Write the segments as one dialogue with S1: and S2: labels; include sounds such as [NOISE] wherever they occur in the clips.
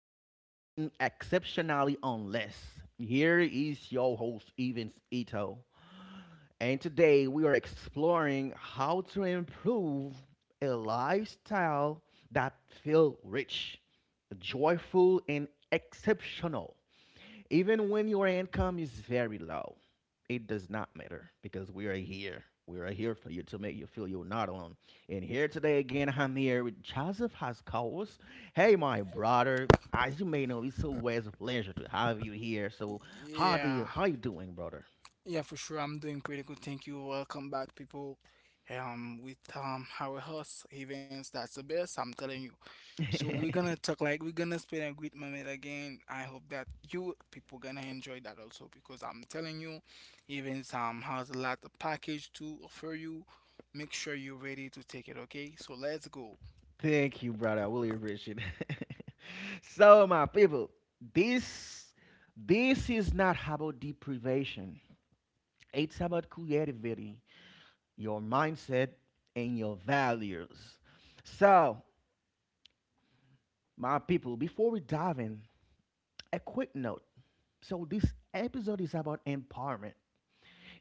S1: on living exceptionally on less. Here is your host, Evans Ito. And today we are exploring how to improve a lifestyle that feels rich, joyful, and exceptional. Even when your income is very low, it does not matter because we are here. We are here for you to make you feel you're not alone. And here today again, I'm here with Joseph Haskowitz. Hey, my brother. As you may know, it's always a pleasure to have you here. So, how do you
S2: Yeah,
S1: how you doing, brother?
S2: yeah, for sure. I'm doing pretty good. Thank you. Welcome back, people. With our host Events, that's the best. I'm telling you. So
S1: [LAUGHS]
S2: we're gonna spend a great moment again. I hope that you people gonna enjoy that also because I'm telling you, Events has a lot of package to offer you. Make sure you're ready to take it. Okay, so let's go.
S1: Thank you, brother. I really appreciate it. [LAUGHS] So, my people, this this is not about deprivation. It's about creativity, your mindset, and your values. So, my people, before we dive in, a quick note. So, this episode is about empowerment.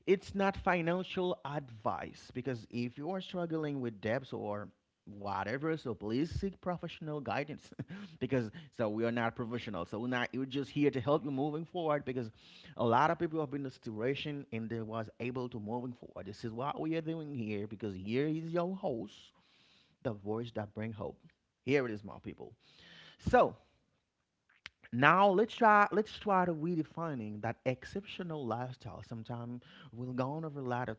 S1: It's not financial advice because if you are struggling with debts or whatever, so please seek professional guidance [LAUGHS] because so we are not professional. So we're not we're just here to help you moving forward because a lot of people have been in this situation and they was able to moving forward. This is what we are doing here because here is your host, the voice that bring hope. Here it is, my people. So now let's try to redefining that exceptional lifestyle. Sometimes we'll go on over a lot of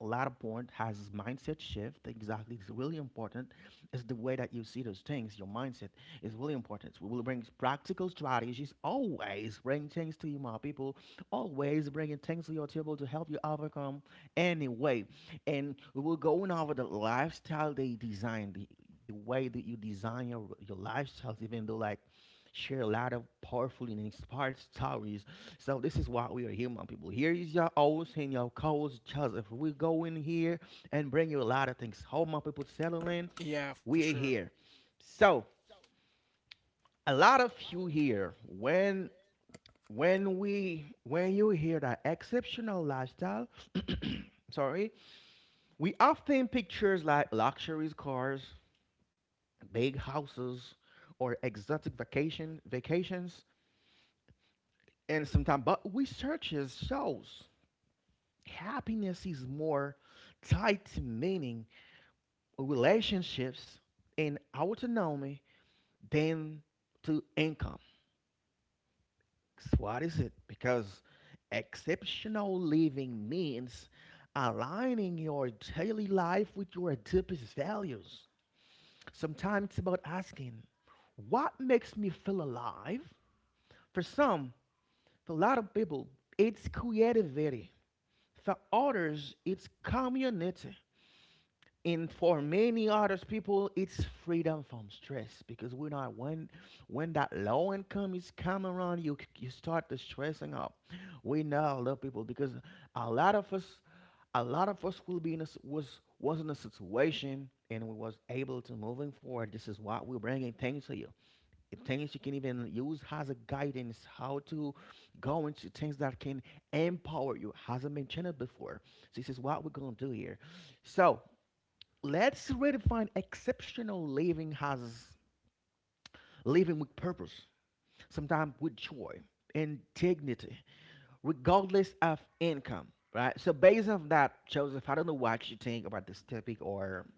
S1: a lot of point has this mindset shift. Exactly, it's really important. It's the way that you see those things. Your mindset is really important. We will bring practical strategies. Always bring things to you, my people. Always bringing things to your table to help you overcome anyway. And we will go on over the lifestyle they design, the way that you design your lifestyles, even though like share a lot of powerful and inspired stories. So this is why we are here, my people. Here is your host and your co-host Joseph. We go in here and bring you a lot of things. How my people settle in,
S2: Yeah, for
S1: we are
S2: sure.
S1: here. So a lot of you here when we when you hear that exceptional lifestyle, [COUGHS] [CLEARS THROAT] sorry, we often pictures like luxuries, cars, big houses, or exotic vacations and sometimes but researchers shows happiness is more tied to meaning, relationships, and autonomy than to income. So what is it? Because exceptional living means aligning your daily life with your deepest values. Sometimes it's about asking, what makes me feel alive? For some, for a lot of people, it's creativity. For others, it's community. And for many others people, it's freedom from stress, because we know when that low income is coming around, you start to stressing up. We know a lot of people because a lot of us a lot of us will be in a, was in a situation and we was able to moving forward. This is what we're bringing things to you, things you can even use as a guidance how to go into things that can empower you hasn't been channeled before. So this is what we're going to do here. So let's redefine exceptional living as living with purpose, sometimes with joy and dignity, regardless of income, right? So based on that, Joseph, I don't know what you think about this topic, or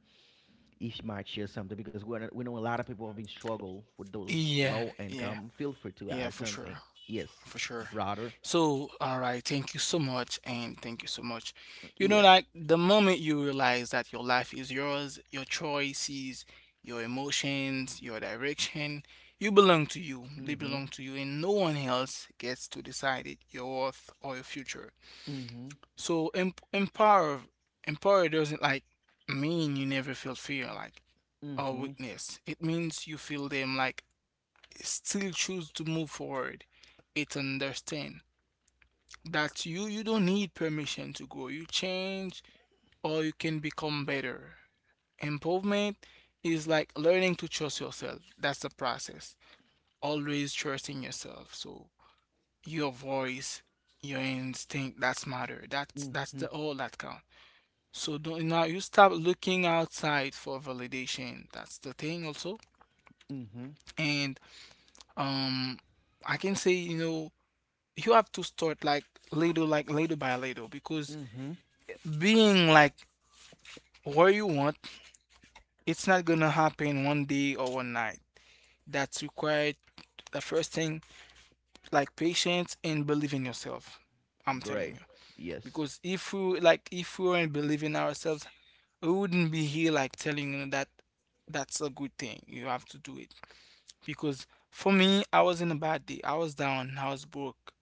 S1: if you might share something because we know a lot of people have been struggle with those
S2: Yeah,
S1: low
S2: yeah,
S1: income. Feel free to
S2: yeah,
S1: add
S2: for sure.
S1: something. Yes,
S2: For sure.
S1: brother.
S2: So, all right, thank you so much, and thank you so much. You know,
S1: Yes.
S2: like the moment you realize that your life is yours, your choices, your emotions, your direction, you belong to you. They
S1: Mhm.
S2: belong to you, and no one else gets to decide it, your worth or your future.
S1: Mhm.
S2: So, empower doesn't like mean you never feel fear, like or
S1: Mhm.
S2: weakness. It means you feel them, like still choose to move forward. It understand that's you. You don't need permission to grow. You change or you can become better. Improvement is like learning to trust yourself. That's the process. Always trusting yourself. So your voice, your instinct, that's matter. That's the
S1: Mhm.
S2: all that count. So don't now you stop looking outside for validation. That's the thing also.
S1: Mhm.
S2: And um I can say, you have to start little by little because
S1: Mhm.
S2: being like where you want. It's not gonna happen one day or one night. That's required the first thing, like patience and believe in yourself. I'm telling
S1: Great.
S2: you.
S1: Yes.
S2: Because if we weren't believing ourselves, we wouldn't be here like telling you that that's a good thing. You have to do it. Because for me, I was in a bad day. I was down, I was broke.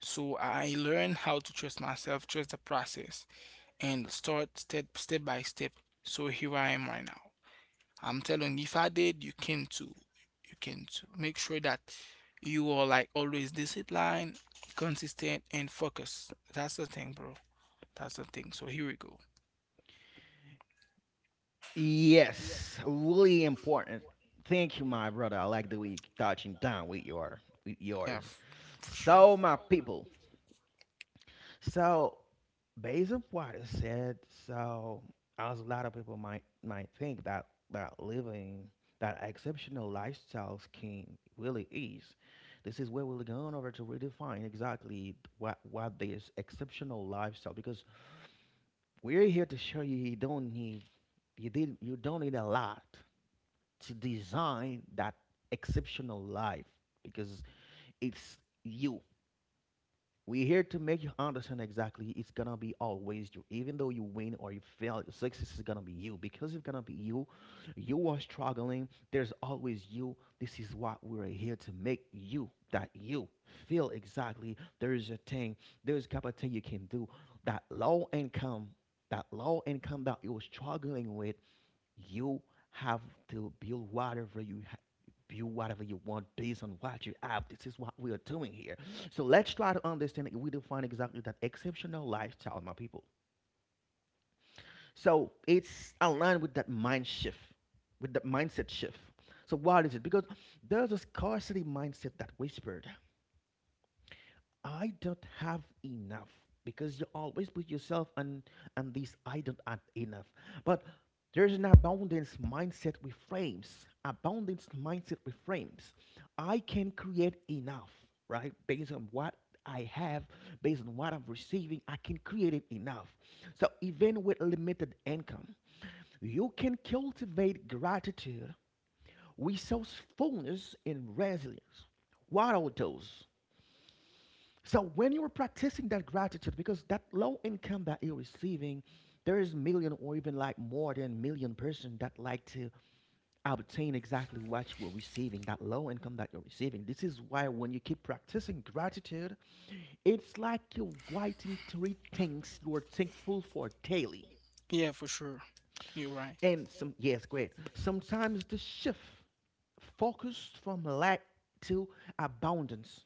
S2: So I learned how to trust myself, trust the process, and start step by step. So here I am right now. I'm telling you, if I did, you can too. You can too. Make sure that you are like always disciplined, consistent, and focused. That's the thing, bro. That's the thing. So here we go.
S1: Yes. Really important. Thank you, my brother. I like the way you touching down with your with
S2: Yeah,
S1: yours.
S2: for sure.
S1: So, my people, so Basil Water said, so as a lot of people might think that living that exceptional lifestyle scheme really is. This is where we're going over to redefine exactly what this exceptional lifestyle, because we're here to show you you don't need, you don't need a lot to design that exceptional life, because it's you. We're here to make you understand exactly it's gonna be always you. Even though you win or you fail, success is gonna be you. Because it's gonna be you, you are struggling. There's always you. This is what we're here to make you that you feel exactly there is a thing, there's a couple of thing you can do. That low income, that low income that you're struggling with, you have to build whatever you do whatever you want based on what you have. This is what we are doing here. So let's try to understand if we define exactly that exceptional lifestyle, my people. So it's aligned with that mind shift, with that mindset shift. So what is it? Because there's a scarcity mindset that whispered, I don't have enough, because you always put yourself on this I don't have enough. But there's an abundance mindset reframes. Abundance mindset reframes. I can create enough, right? Based on what I have, based on what I'm receiving, I can create it enough. So even with limited income, you can cultivate gratitude, resourcefulness, and resilience. What are those? So when you are practicing that gratitude, because that low income that you're receiving, there is million or even like more than million person that like to obtain exactly what you are receiving, that low income that you're receiving. This is why when you keep practicing gratitude, it's like you're writing three things you are thankful for daily.
S2: Yeah, for sure. You're right.
S1: And some yes, great. Sometimes the shift focus from lack to abundance.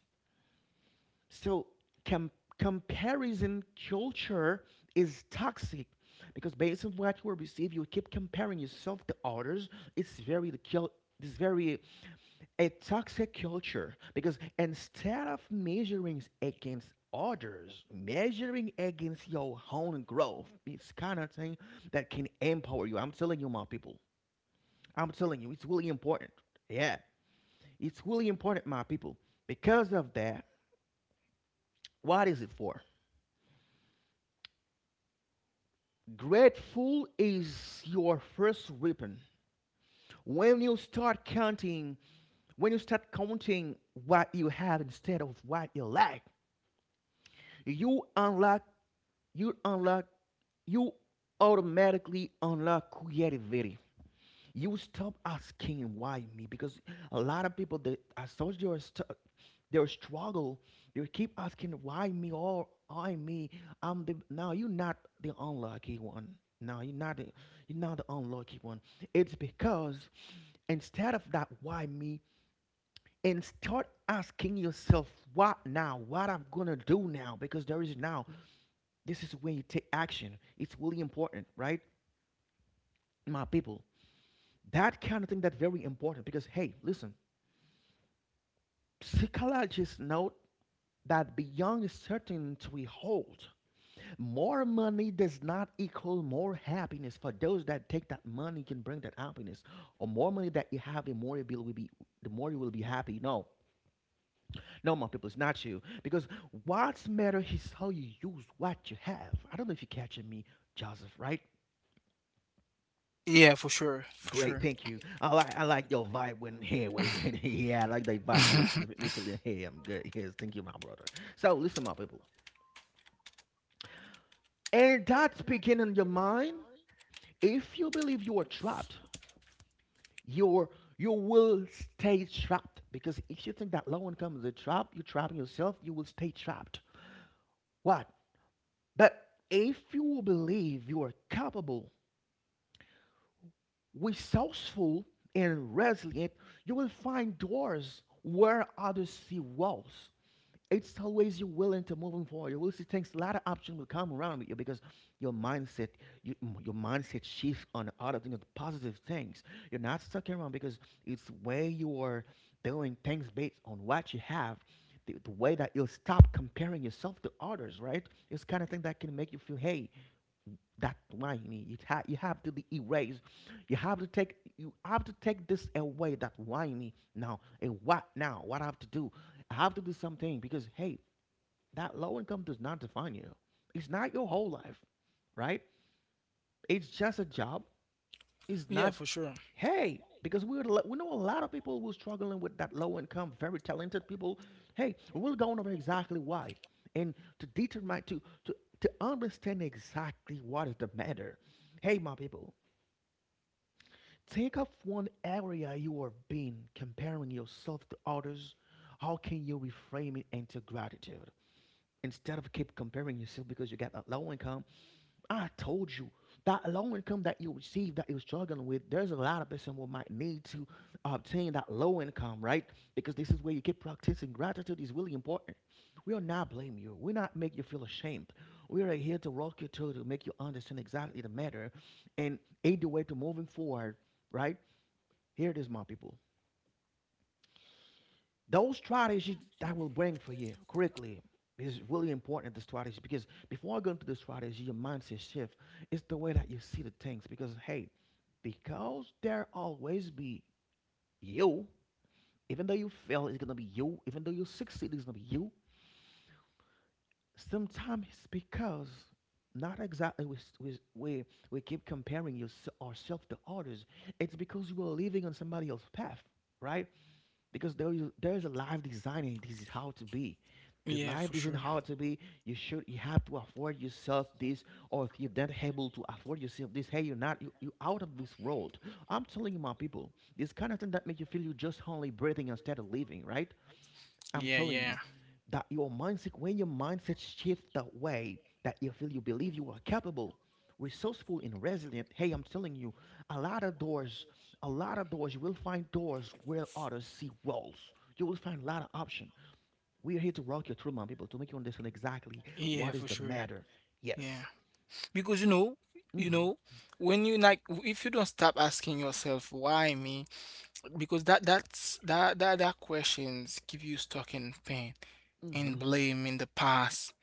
S1: So com- comparison culture is toxic, because based on what you receive, you keep comparing yourself to others. It's very the kill. It's very a toxic culture, because instead of measuring against others, measuring against your own growth, it's kind of thing that can empower you. I'm telling you, my people. I'm telling you, it's really important. Yeah, it's really important, my people. Because of that, what is it for? Grateful is your first weapon. When you start counting, when you start counting what you have instead of what you lack, you unlock, you unlock, you automatically unlock creativity. You stop asking why me, because a lot of people that I told you are their struggle, they keep asking why me, or I me, I'm the no you're not the unlucky one. no you're not the, you're not the unlucky one. It's because instead of that why me, and start asking yourself what now, what I'm gonna do now, because there is now. This is when you take action. It's really important, right, my people? That kind of thing that's very important, because hey, listen, psychologists note that beyond certainty we hold, more money does not equal more happiness for those that think that money can bring that happiness. Or more money that you have, the more you will be happy. No, no, my people, it's not you. Because what's matter is how you use what you have. I don't know if you're catching me, Joseph. Right?
S2: Yeah, for sure. For
S1: Great,
S2: sure.
S1: thank you. I like your vibe when here when you, [LAUGHS] yeah I like that vibe. Yes, it
S2: [LAUGHS]
S1: make me feel yeah I'm good. Yes, thank you, my brother. So listen, my people. And that's begin in your mind. If you believe you are trapped, you're you will stay trapped. Because if you think that low income is a trap, you're trapping yourself, you will stay trapped. What? But if you believe you are capable, resourceful, and resilient, you will find doors where others see walls. It's always you're willing to moving forward. You will see things. A lot of options will come around with you, because your mindset, your mindset shift on other things, positive things. You're not stuck around, because it's where you are doing things based on what you have. The way that you'll stop comparing yourself to others, right? It's kind of thing that can make you feel, hey, that's why you need. You have to be erased. You have to take this away. That why me now? And what now? What I have to do? I have to do something, because hey, that low income does not define you. It's not your whole life, right? It's just a job. It's
S2: yeah,
S1: not,
S2: for sure.
S1: hey, because we know a lot of people who are struggling with that low income, very talented people. Hey, we're going over exactly why and to determine, to understand exactly what is the matter. Hey, my people, take up one area you are being, comparing yourself to others. How can you reframe it into gratitude? Instead of keep comparing yourself because you got a low income, I told you that low income that you receive that you're struggling with, there's a lot of person who might need to obtain that low income, right? Because this is where you keep practicing gratitude is really important. We are not blaming you. We're not make you feel ashamed. We are here to walk you through to make you understand exactly the matter and aid the way to moving forward, right? Here it is, my people. Those strategies that I will bring for you quickly is really important. The strategy because before I go into the strategy, your mindset shift, it's the way that you see the things. Because hey, because there always be you, even though you fail, it's gonna be you. Even though you succeed, it's gonna be you. Sometimes it's because not exactly we keep comparing yourself ourselves to others. It's because you are living on somebody else's path, right? Because there is a life design and this is how to be the
S2: Yeah,
S1: life
S2: for
S1: isn't
S2: sure.
S1: how to be, you should, you have to afford yourself this, or if you're not able to afford yourself this, hey, you're not you, you're out of this world. I'm telling you, my people, this kind of thing that make you feel you're just only breathing instead of living, right? I'm
S2: Yeah,
S1: telling you
S2: yeah.
S1: that your mindset, when your mindset shifts that way, that you feel you believe you are capable, resourceful, and resilient. Hey, I'm telling you, a lot of doors, a lot of doors. You will find doors where others see walls. You will find a lot of options. We are here to rock your through, my people, to make you understand exactly what
S2: Yeah,
S1: is
S2: for
S1: the
S2: sure.
S1: matter.
S2: Yeah.
S1: Yes.
S2: Because you
S1: Mhm.
S2: know, when if you don't stop asking yourself, why me? Because that that's that that that questions keep you stuck in pain and
S1: Mhm.
S2: blame in the past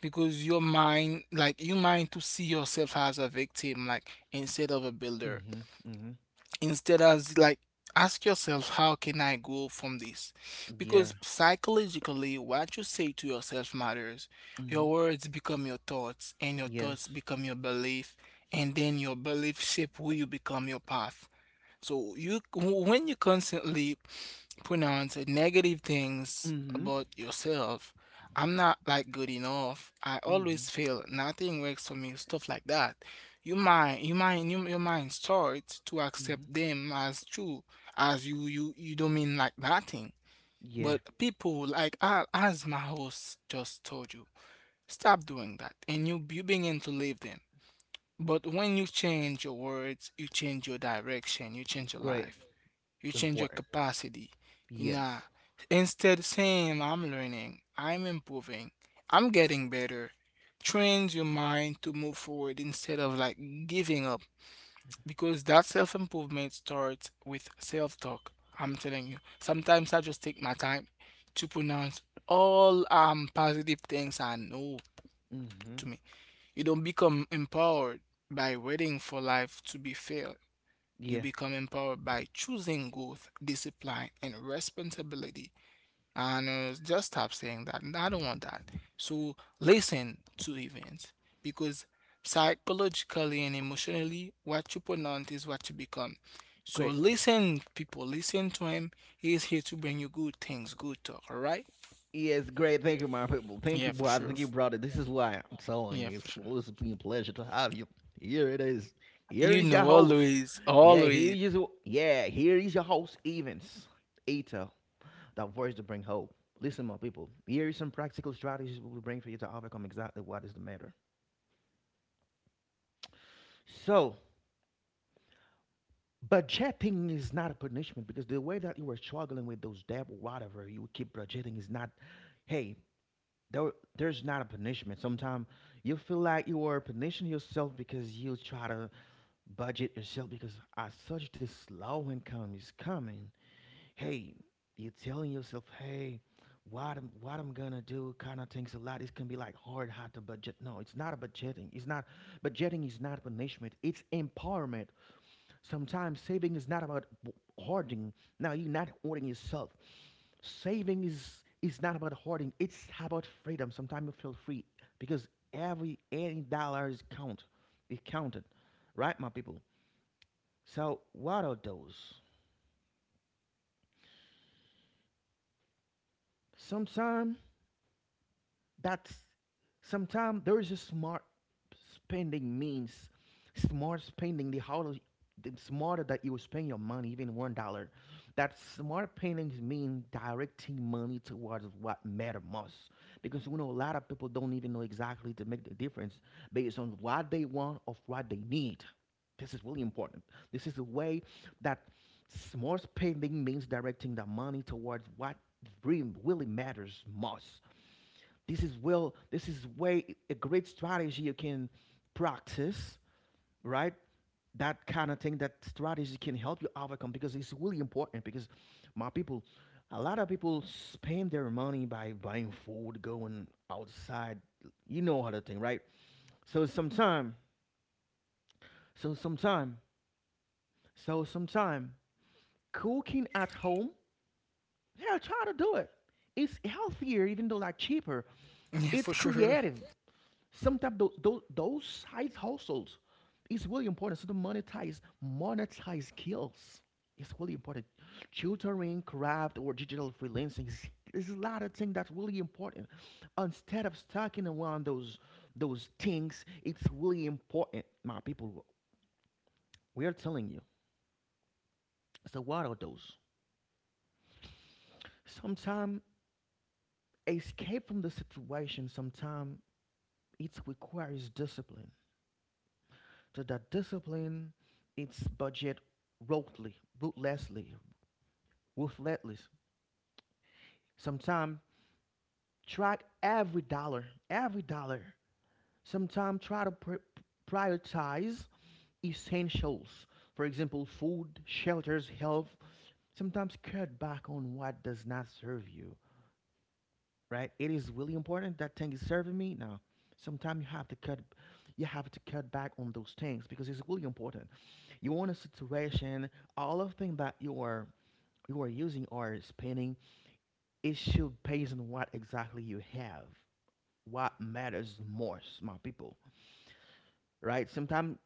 S2: because your mind like you mind to see yourself as a victim, like instead of a builder
S1: Mhm. Mhm.
S2: instead as like ask yourself how can I grow from this?
S1: Yeah.
S2: Because psychologically, what you say to yourself matters.
S1: Mhm.
S2: Your words become your thoughts, and your
S1: Yes.
S2: thoughts become your belief. And then your belief shape who you become, your path. So you when you constantly pronounce negative things
S1: Mhm.
S2: about yourself. I'm not like good enough. I
S1: Mhm.
S2: always fail. Nothing works for me. Stuff like that. Your mind starts to
S1: Mhm.
S2: accept them as true, as you don't mean like nothing.
S1: Yeah.
S2: But people like as my host just told you, stop doing that, and you begin to leave them. But when you change your words, you change your direction, you change your
S1: Great.
S2: life. You change your
S1: Important.
S2: capacity. You know,
S1: Yes.
S2: instead saying I'm learning, I'm improving, I'm getting better. Trains your mind to move forward instead of like giving up because that self improvement starts with self talk. I'm telling you. Sometimes I just take my time to pronounce all positive things I know
S1: Mhm.
S2: to me. You don't become empowered by waiting for life to be fair. You
S1: Yeah,
S2: become empowered by choosing growth, discipline, and responsibility. And just stop saying that. I don't want that. So listen to Events, because psychologically and emotionally, what you pronounce is what you become. So
S1: great.
S2: listen, people, listen to him. He is here to bring you good things, good talk. All right?
S1: Yes, great. Thank you, my people. Thank
S2: Yeah,
S1: you,
S2: for
S1: brother.
S2: sure.
S1: Thank you, brother. This is why I'm telling
S2: Yeah,
S1: you.
S2: for
S1: It's
S2: sure.
S1: always been a pleasure to have you. Here it is. Here
S2: You
S1: is your
S2: know,
S1: host.
S2: always,
S1: Yeah,
S2: always. [LAUGHS]
S1: yeah. Here is your host, Evans Ito, that voice to bring hope. Listen, my people. Here is some practical strategies we will bring for you to overcome exactly what is the matter. So, budgeting is not a punishment because the way that you are struggling with those debt, or whatever you keep budgeting, is not. Hey, there, there's not a punishment. Sometimes you feel like you are punishing yourself because you try to budget yourself because as such this low income is coming. Hey, you're telling yourself, hey, what I'm gonna do kind of things a lot. It can be like hard to budget. No, it's not a budgeting. It's not Budgeting is not punishment. It's empowerment. Sometimes saving is not about hoarding. Now you're not hoarding yourself. Saving is not about hoarding, it's about freedom. Sometimes you feel free because every any dollar is count, it counted, right, my people? So what are those? Sometimes, that's, sometimes there is a smart spending means, smart spending the how, the smarter that you spend your money, even $1, that smart spendings mean directing money towards what matter most, because we know a lot of people don't even know exactly to make the difference based on what they want or what they need. This is really important. This is the way that smart spending means directing the money towards what really, really matters most. This is well, this is way a great strategy you can practice, right? That kind of thing, that strategy can help you overcome because it's really important. Because my people, a lot of people spend their money by buying food, going outside, you know how the thing, right? So sometime, so sometime, so sometime, cooking at home, yeah, try to do it. It's healthier, even though like cheaper.
S2: Yeah,
S1: It's
S2: for sure.
S1: creative. Sometimes those size households, it's really important. So to monetize skills. It's really important. Tutoring, craft, or digital freelancing. There's a lot of things that's really important. Instead of stacking around those things, it's really important, my people. We are telling you. So what are those? Sometimes escape from the situation. Sometimes it requires discipline. To that discipline, its budget ruthlessly, ruthlessly, ruthlessly. Sometimes track every dollar, every dollar. Sometimes try to prioritize essentials. For example, food, shelters, health. Sometimes cut back on what does not serve you. Right? It is really important that thing is serving me. Now, sometimes you have to cut back on those things because it's really important. You want a situation, all of things that you are using or spending, it should based on what exactly you have. What matters most, my people, right? Sometimes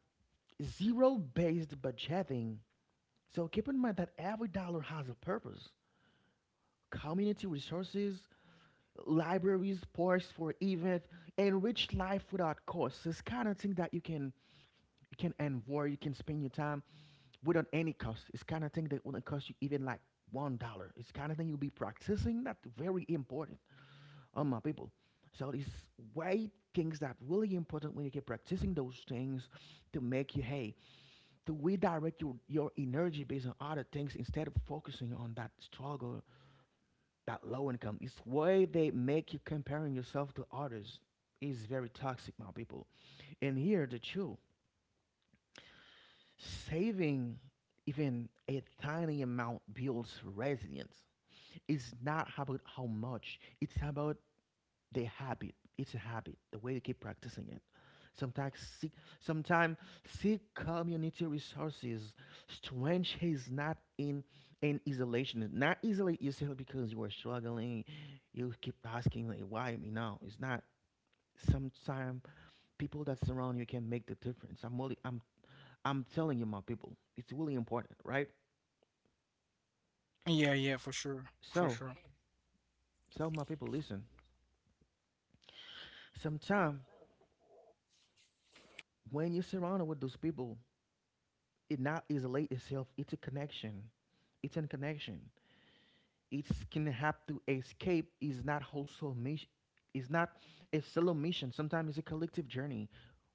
S1: zero-based budgeting. So keep in mind that every dollar has a purpose. Community resources, libraries, sports for event, enrich life without cost. It's kind of thing that you can enjoy, you can spend your time without any cost. It's kind of thing that wouldn't cost you even like $1. It's kind of thing you'll be practicing. That's very important. Oh my people. So these white things that really important, when you keep practicing those things to make you, hey, to redirect your energy based on other things instead of focusing on that struggle, that low income. It's why they make you comparing yourself to others is very toxic, my people. And here the truth. Saving even a tiny amount builds resilience. It's not about how much, it's about they habit. It's a habit. The way they keep practicing it. Sometimes seek, sometimes seek community resources. Strength is not in isolation. Not isolate yourself because you are struggling. You keep asking like, why me now? It's not. Sometimes people that surround you can make the difference. I'm telling you, my people. It's really important, right?
S2: Yeah, yeah, for sure, for
S1: So,
S2: sure.
S1: so my people, listen. Sometimes when you're surrounded with those people, it not isolate itself. It's a connection. It's in connection. It can have to escape. Is not whole soul mission. It's not a solo mission. Sometimes it's a collective journey.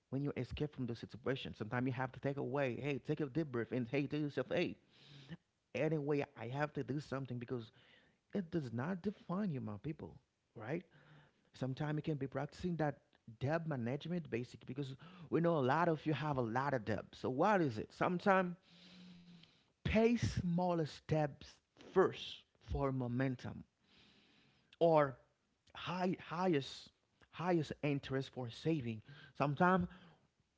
S1: When you escape from the situation, sometimes you have to take away. Hey, take a deep breath and hey, tell yourself, hey, anyway, I have to do something because it does not define you, my people. Right? Sometimes you can be practicing that debt management basic because we know a lot of you have a lot of debt. So what is it? Sometimes pay smaller steps first for momentum, or highest, highest interest for saving. Sometimes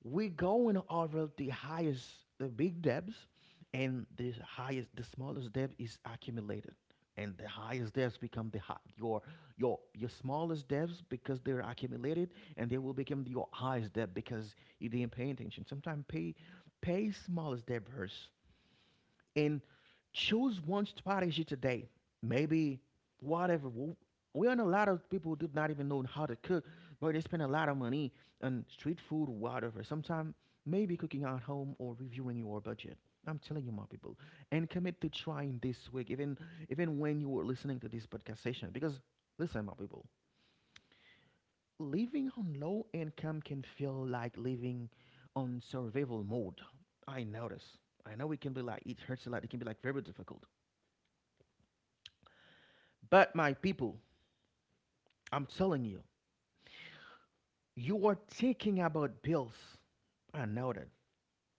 S1: we're going over the highest the big debts, and the highest the smallest debt is accumulated, and the highest debts become your your smallest debts because they're accumulated and they will become your highest debt because you didn't pay attention. Sometimes pay smallest debt first, and choose one strategy today. Maybe whatever. w- we and a lot of people do not even know how to cook, but they spend a lot of money on street food, whatever. Sometimes maybe cooking at home or reviewing your budget. I'm telling you, my people, and commit to trying this week, even even when you are listening to this podcast session. Because listen, my people, living on low income can feel like living on survival mode. I notice. I know it can be like it hurts a lot. It can be like very difficult. But my people, I'm telling you, you are thinking about bills. I know that.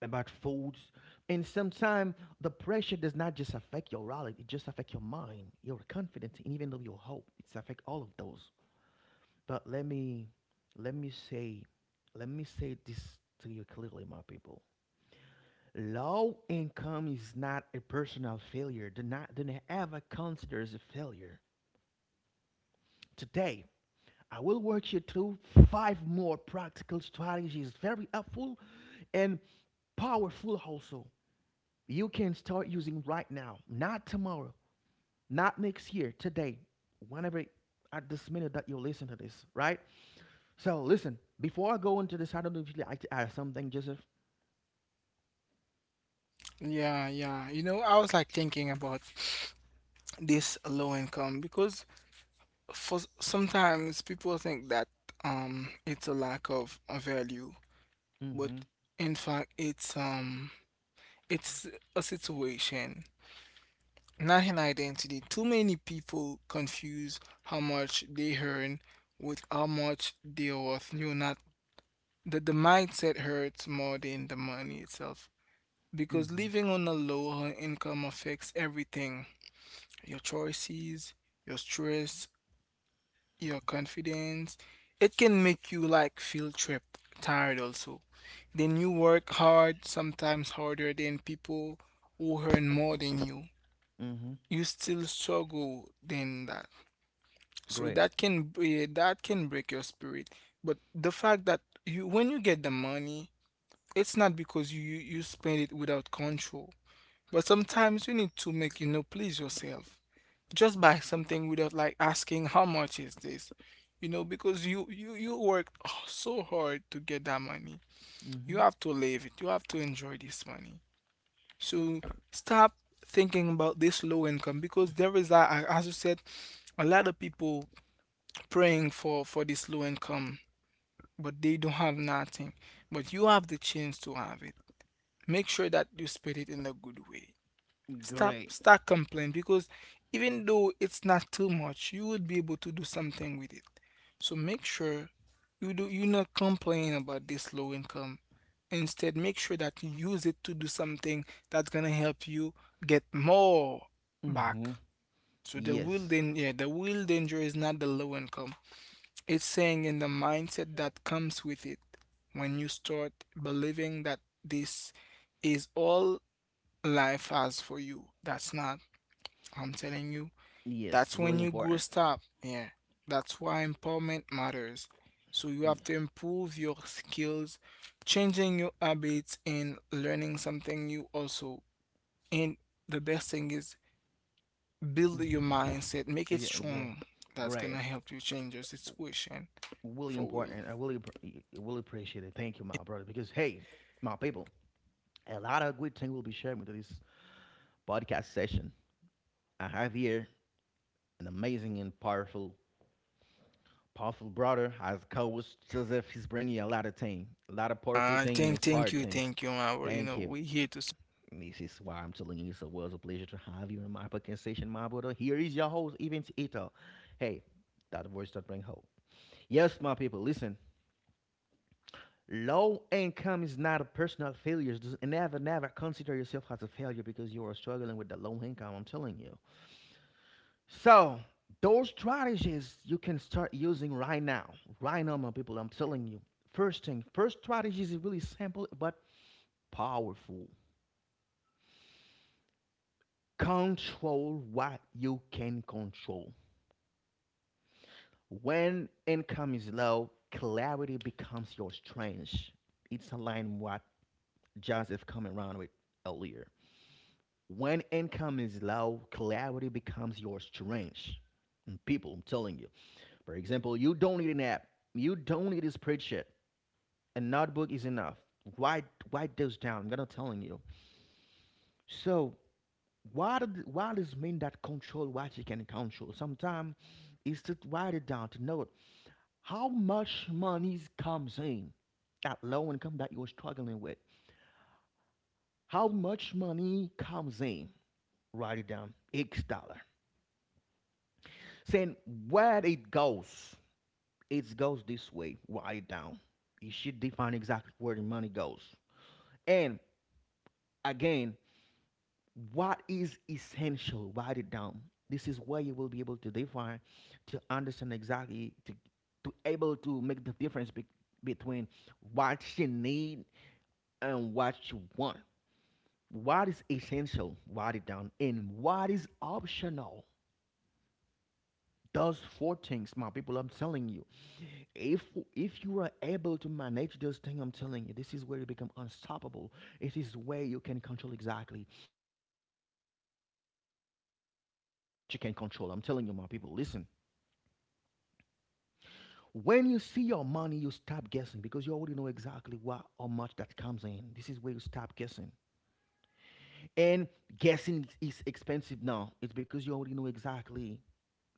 S1: About foods. And sometimes the pressure does not just affect your wallet, it just affects your mind, your confidence, and even though your hope. It's affect all of those. But let me say let me say this to you clearly, my people. Low income is not a personal failure. Do not ever consider it as a failure. Today, I will work you through five more practical strategies, very helpful and powerful also. You can start using right now, not tomorrow, not next year, today, whenever at this minute that you listen to this, right? So listen, before I go into this, I don't know if you'd like to add something, Joseph.
S2: Yeah, yeah. I was like thinking about this low income, because sometimes people think that it's a lack of a value, but
S1: Mm-hmm.
S2: in fact it's a situation, not an identity. Too many people confuse how much they earn with how much they are worth. You not the the mindset hurts more than the money itself, because
S1: Mm-hmm.
S2: living on a lower income affects everything: your choices, your stress, your confidence. It can make you like feel trapped, tired also. Then you work hard, sometimes harder than people who earn more than you.
S1: Mm-hmm.
S2: You still struggle than that. So
S1: Great.
S2: that can break your spirit. But the fact that you when you get the money, it's not because you spend it without control. But sometimes you need to make please yourself. Just buy something without like asking how much is this? Because you worked so hard to get that money. You
S1: Mm-hmm.
S2: have to live it. You have to enjoy this money. So stop thinking about this low income, because as you said, a lot of people praying for this low income, but they don't have nothing. But you have the chance to have it. Make sure that you spend it in a good way. Stop,
S1: Great.
S2: stop complaining, because even though it's not too much, you would be able to do something with it. So make sure you not complain about this low income. Instead, make sure that you use it to do something that's gonna help you get more back.
S1: Mm-hmm.
S2: So the real
S1: Yes.
S2: danger, yeah, the real danger is not the low income. It's saying in the mindset that comes with it. When you start believing that this is all life has for you, that's not. I'm telling you,
S1: Yes.
S2: that's
S1: Really
S2: when you grow
S1: important.
S2: stop. Yeah, that's why empowerment matters. So you have
S1: Yeah.
S2: to improve your skills, changing your habits, and learning something new also. And the best thing is build your mindset, make
S1: Mm-hmm.
S2: it
S1: Yeah. Yeah.
S2: strong. That's
S1: Great.
S2: gonna help you change your situation
S1: Really
S2: for real.
S1: important. Really appreciate it. Thank you, my brother. Because hey, my people, a lot of good things will be shared with this podcast session. I have here an amazing and powerful brother as co-host Joseph. He's bringing a lot of things, a lot of powerful
S2: Uh,
S1: thing and
S2: thank, thank
S1: inspired
S2: you,
S1: thing.
S2: thank you, man. Well,
S1: Thank you.
S2: we here to.
S1: This is why I'm telling you, it's a was a pleasure to have you in my podcast session, my brother. Here is your host, Event Ito. Hey, that voice that bring hope. Yes, my people, listen. Low income is not a personal failure. Never, never consider yourself as a failure because you are struggling with the low income. I'm telling you. So those strategies you can start using right now. Right now, my people. I'm telling you. First thing, first strategy is really simple but powerful. Control what you can control. When income is low, clarity becomes your strength. It's aligned with what Joseph come around with earlier. When income is low, clarity becomes your strength. People, I'm telling you. For example, you don't need an app. You don't need a spreadsheet. A notebook is enough. Write write those down. I'm gonna telling you. So why does it mean that control what you can control? Sometimes is to write it down to note how much money comes in at low income that you're struggling with. How much money comes in? Write it down. X dollar. Saying where it goes this way, right down. You should define exactly where the money goes. And again, what is essential, write it down. This is where you will be able to define, to understand exactly, to able to make the difference between what you need and what you want. What is essential, write it down. And what is optional. Those four things, my people, I'm telling you if if you are able to manage this thing, I'm telling you, this is where you become unstoppable. It is where you can control exactly, you controlling what you exactly, what you can control. I'm telling you, my people, listen. When you see your money, you stop guessing, because you already know exactly what or much that comes in. This is where you stop guessing. And guessing is expensive now. It's because you already know exactly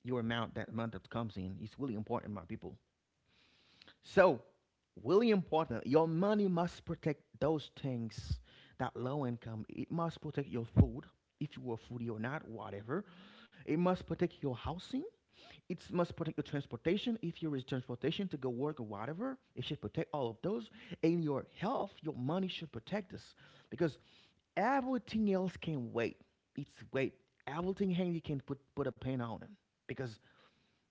S1: your amount, that amount that comes in. It's really important, my people. So, really important, your money must protect those things, that low income. It must protect your food, if you are foodie or not, whatever. It must protect your housing. It must protect your transportation, if you use transportation to go work or whatever. It should protect all of those. And your health, your money should protect us, because everything else can wait. It's wait. Everything handy can put a pain on it, because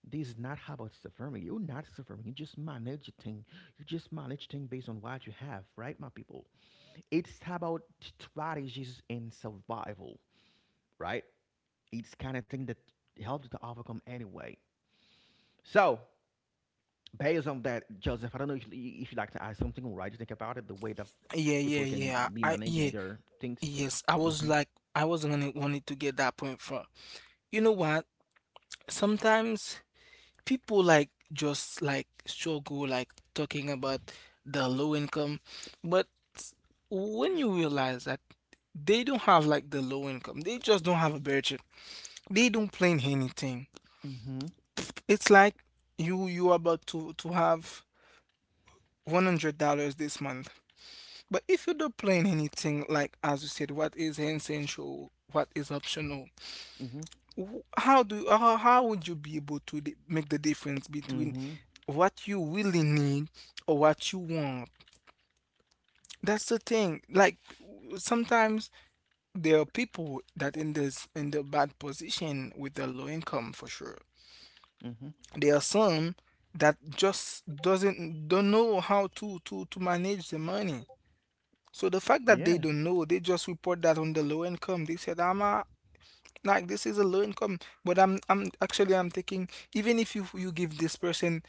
S1: this is not how about suffering. You're not suffering. You just manage thing. You just manage thing based on what you have, right, my people? It's about strategies in survival, right? It's kind of thing that helps you to overcome anyway. So based on that, Joseph, I don't know if, if you'd like to add something, right? You think about it, the way that
S2: Yeah, yeah,
S1: people can
S2: yeah.
S1: be managing
S2: Yeah,
S1: their things.
S2: yes. I was
S1: Mm-hmm.
S2: like, I was gonna wanted to get that point from. You know what? Sometimes people like just like struggle like talking about the low income, but when you realize that they don't have like the low income, they just don't have a budget, they don't plan anything.
S1: Mm-hmm.
S2: It's like you about to have $100 this month. But if you don't plan anything, like as you said, what is essential, what is optional,
S1: Mm-hmm.
S2: how how would you be able to make the difference between
S1: Mm-hmm.
S2: what you really need or what you want? That's the thing, like, sometimes there are people that in the bad position with the low income, for sure.
S1: Mm-hmm.
S2: There are some that just doesn't don't know how to manage the money. So the fact that they
S1: Yeah.
S2: don't know, they just report that on the low income. They said, like, this is a low income. But I'm actually I'm thinking, even if you give this person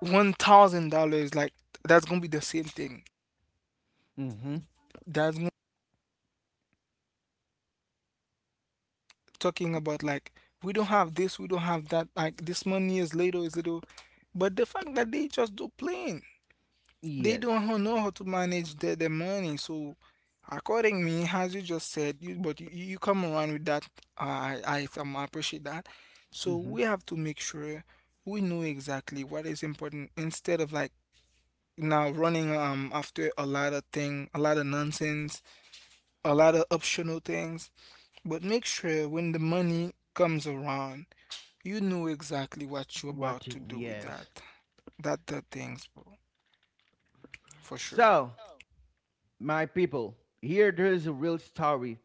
S2: $1,000, like that's gonna be the same thing.
S1: Mm-hmm.
S2: That's gonna talking about like, we don't have this, we don't have that, like this money is little. But the fact that they just do plain. They
S1: Yes.
S2: don't know how to manage their money. So, according me, as you just said, you, but you come around with that. I appreciate that. So,
S1: Mm-hmm.
S2: we have to make sure we know exactly what is important instead of like now running after a lot of thing, a lot of nonsense, a lot of optional things. But make sure when the money comes around, you know exactly what you're
S1: Watch
S2: about
S1: it.
S2: to do with
S1: Yes.
S2: that. That the things, bro, for sure.
S1: So my people, here there is a real story.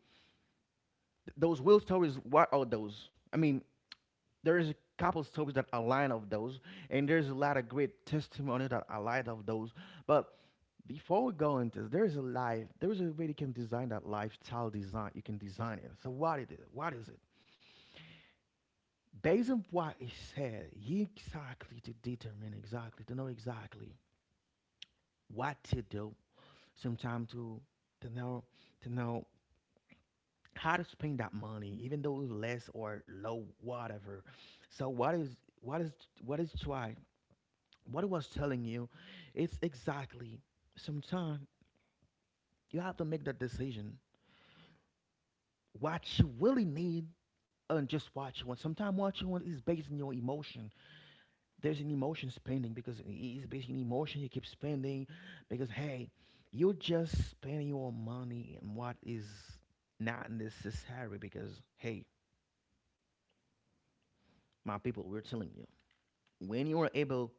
S1: Those real stories, what are those? I mean, there is a couple stories that align of those, and there's a lot of great testimony that align of those. But before we go into this, there is a life. There is a way you can design that lifestyle design. You can design it. So what it is? What is it? Based on what it said, you exactly to determine exactly to know exactly what to do. Sometimes to know to know how to spend that money, even though it's less or low, whatever. So what is what is why? What I was telling you, it's exactly sometimes you have to make that decision. What you really need and just what you want. Sometimes what you want is based on your emotion. There's an emotion spending, because it's based on emotion you keep spending, because hey, you're just spending your money on what is not necessary, because hey, my people, we're telling you, when you are able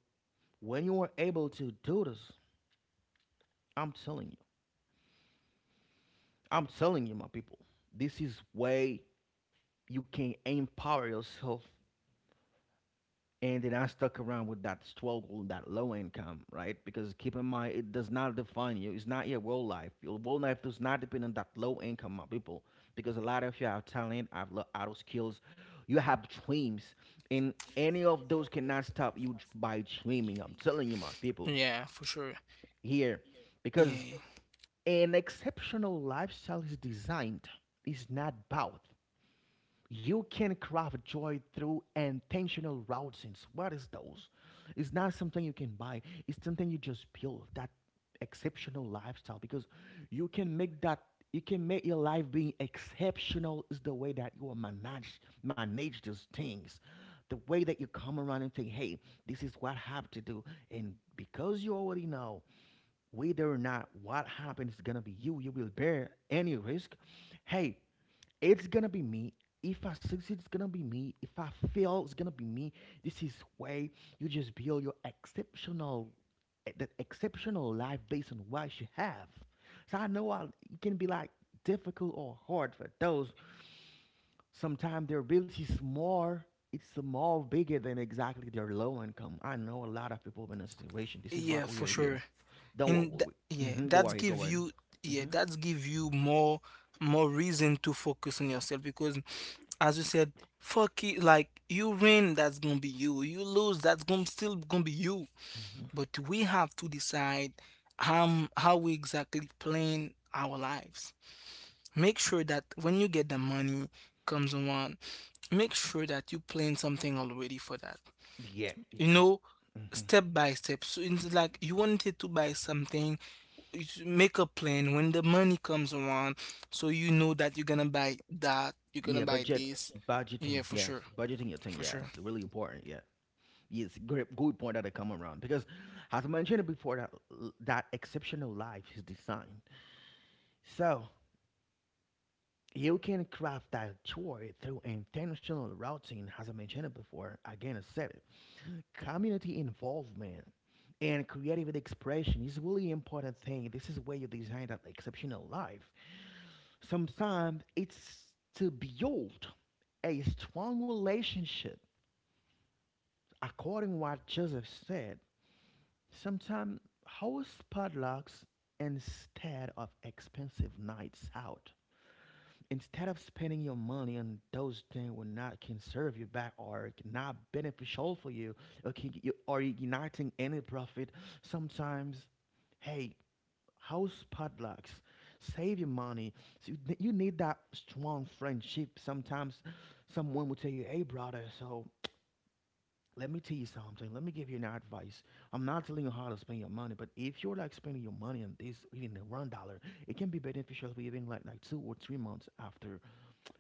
S1: when you are able to do this, I'm telling you, I'm telling you, my people, this is way you can empower yourself, and then not stuck around with that struggle, that low income, right? Because keep in mind, it does not define you. It's not your whole life. Your whole life does not depend on that low income, my people, because a lot of you have talent, have auto skills, you have dreams, and any of those cannot stop you by dreaming. I'm telling you, my people,
S2: Yeah, for sure.
S1: here, because
S2: Yeah.
S1: an exceptional lifestyle is designed, is not bought. You can craft joy through intentional routines. What is those? It's not something you can buy. It's something you just build. That exceptional lifestyle, because you can make that, you can make your life being exceptional, is the way that you will manage those things, the way that you come around and think, hey, this is what I have to do. And because you already know whether or not what happens is gonna be you, you will bear any risk. Hey, it's gonna be me. If I succeed, it's gonna be me. If I fail, it's gonna be me. This is way you just build your exceptional, that exceptional life based on what you have. So I know it can be like difficult or hard for those. Sometimes their ability is more, it's more bigger than exactly their low income. I know a lot of people in a situation. This is why
S2: Yeah,
S1: we
S2: for
S1: are here.
S2: sure.
S1: Don't
S2: And
S1: worry.
S2: yeah,
S1: Hmm. Go
S2: that's
S1: ahead. Go
S2: give
S1: ahead.
S2: you yeah,
S1: Hmm.
S2: that's give you more reason to focus on yourself, because as you said, fuck it, like you win, that's gonna be you. You lose, that's gonna still gonna be you.
S1: Hmm.
S2: But we have to decide how we exactly plan our lives. Make sure that when you get the money comes around, make sure that you plan something already for that.
S1: Yeah. It
S2: You
S1: just.
S2: know,
S1: Hmm.
S2: step by step. So it's like you wanted to buy something, you should make a plan when the money comes around, so you know that you're gonna buy that, you're gonna
S1: Yeah.
S2: buy
S1: Budget.
S2: this.
S1: Budgeting.
S2: Yeah, for
S1: Yes.
S2: sure.
S1: Budgeting your thing.
S2: For
S1: Yes.
S2: sure.
S1: Really important. Yeah. Yes. Great. Good point that I come around because, as mentioned before, that that exceptional life is designed. So you can craft that tour through intentional routing, as I mentioned it before. Again, I said it. Community involvement and creative expression is really important thing. This is where you design that exceptional life. Sometimes it's to build a strong relationship, according to what Joseph said. Sometimes host padlocks instead of expensive nights out, instead of spending your money on those things will not can serve you back or not beneficial for you, can you or igniting any profit. Sometimes, hey, house padlocks, save your money. So you need that strong friendship. Sometimes someone will tell you, hey, brother, so let me tell you something, let me give you an advice. I'm not telling you how to spend your money, but if you're like spending your money on this in the $1, it can be beneficial for even like 2 or 3 months after.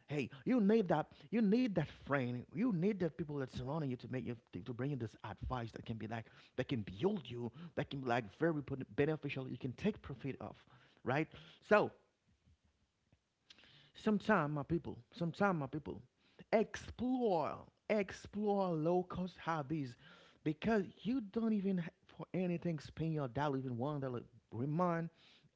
S1: Hey, you need that. You need that friend. You need that people that's surrounding you to make you, to bring you this advice, that can be like that can build you. That can be like very beneficial. You can take profit of, right? So sometime, my people, sometime, my people, explore, explore low cost hobbies, because you don't even for anything spend your dollar, even $1. Remind,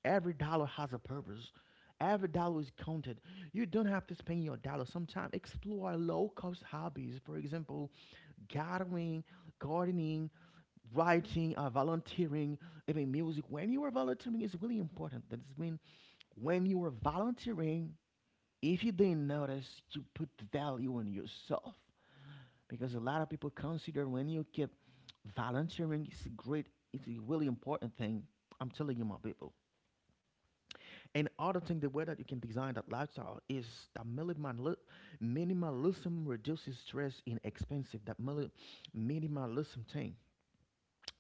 S1: every dollar has a purpose, every dollar is counted. You don't have to spend your dollar. Sometimes explore low cost hobbies, for example, gardening, gardening, writing, volunteering, even music. When you are volunteering, it's really important. That's mean, when you are volunteering, if you didn't notice, you put value on yourself, because a lot of people consider, when you keep volunteering, it's a great, it's a really important thing. I'm telling you, my people. And other thing, the way that you can design that lifestyle is that minimalism reduces stress in expensive. That minimalism thing.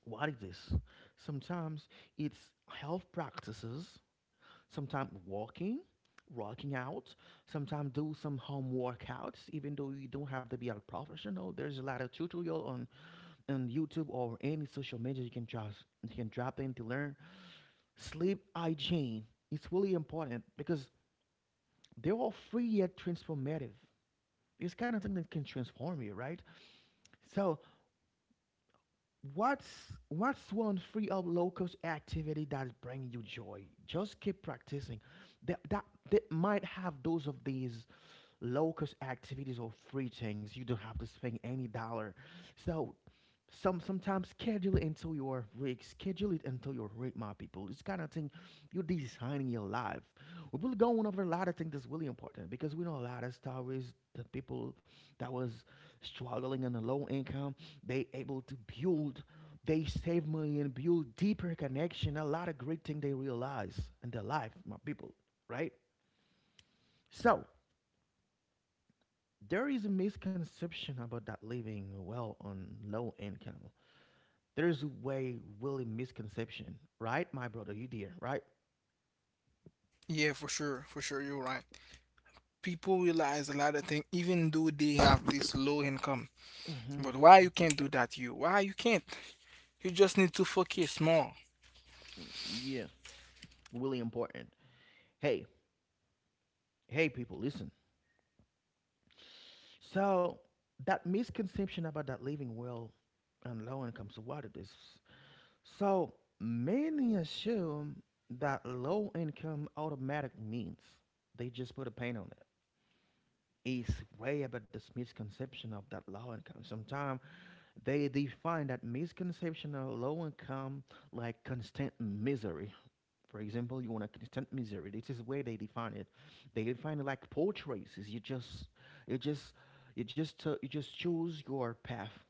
S1: What is this? Sometimes it's health practices, sometimes walking, working out, sometimes do some home workouts, even though you don't have to be a professional. There's a lot of tutorial on YouTube or any social media, you can drop in to learn. Sleep hygiene. It's really important, because they're all free yet transformative. It's kind of thing that can transform you, right? So what's one free or low cost activity that's bringing you joy? Just keep practicing. That that that might have those of these low cost activities or free things. You don't have to spend any dollar. So sometimes schedule it until your rig, schedule it until your rig, my people. This kind of thing, you're designing your life. We are go on over a lot of things that's really important, because we know a lot of stories. The people that was struggling on a low income, they able to build, they save money and build deeper connection. A lot of great thing they realize in their life, my people, right? So there is a misconception about that living well on low income. There is a way really misconception, right, my brother? You dear, right?
S2: Yeah, for sure. For sure. You're right. People realize a lot of things, even though they have this low income.
S1: Hmm.
S2: But why you can't do that, you? Why you can't? You just need to focus more.
S1: Yeah, really important. Hey, hey, people, listen. So that misconception about that living well on low income. So what it is? So many assume that low income automatic means they just put a paint on it. It's way about this misconception of that low income. Sometimes they define that misconception of low income like constant misery. For example, you want a constant misery. This is where they define it. They define it like poor choices. You just, you just choose your path.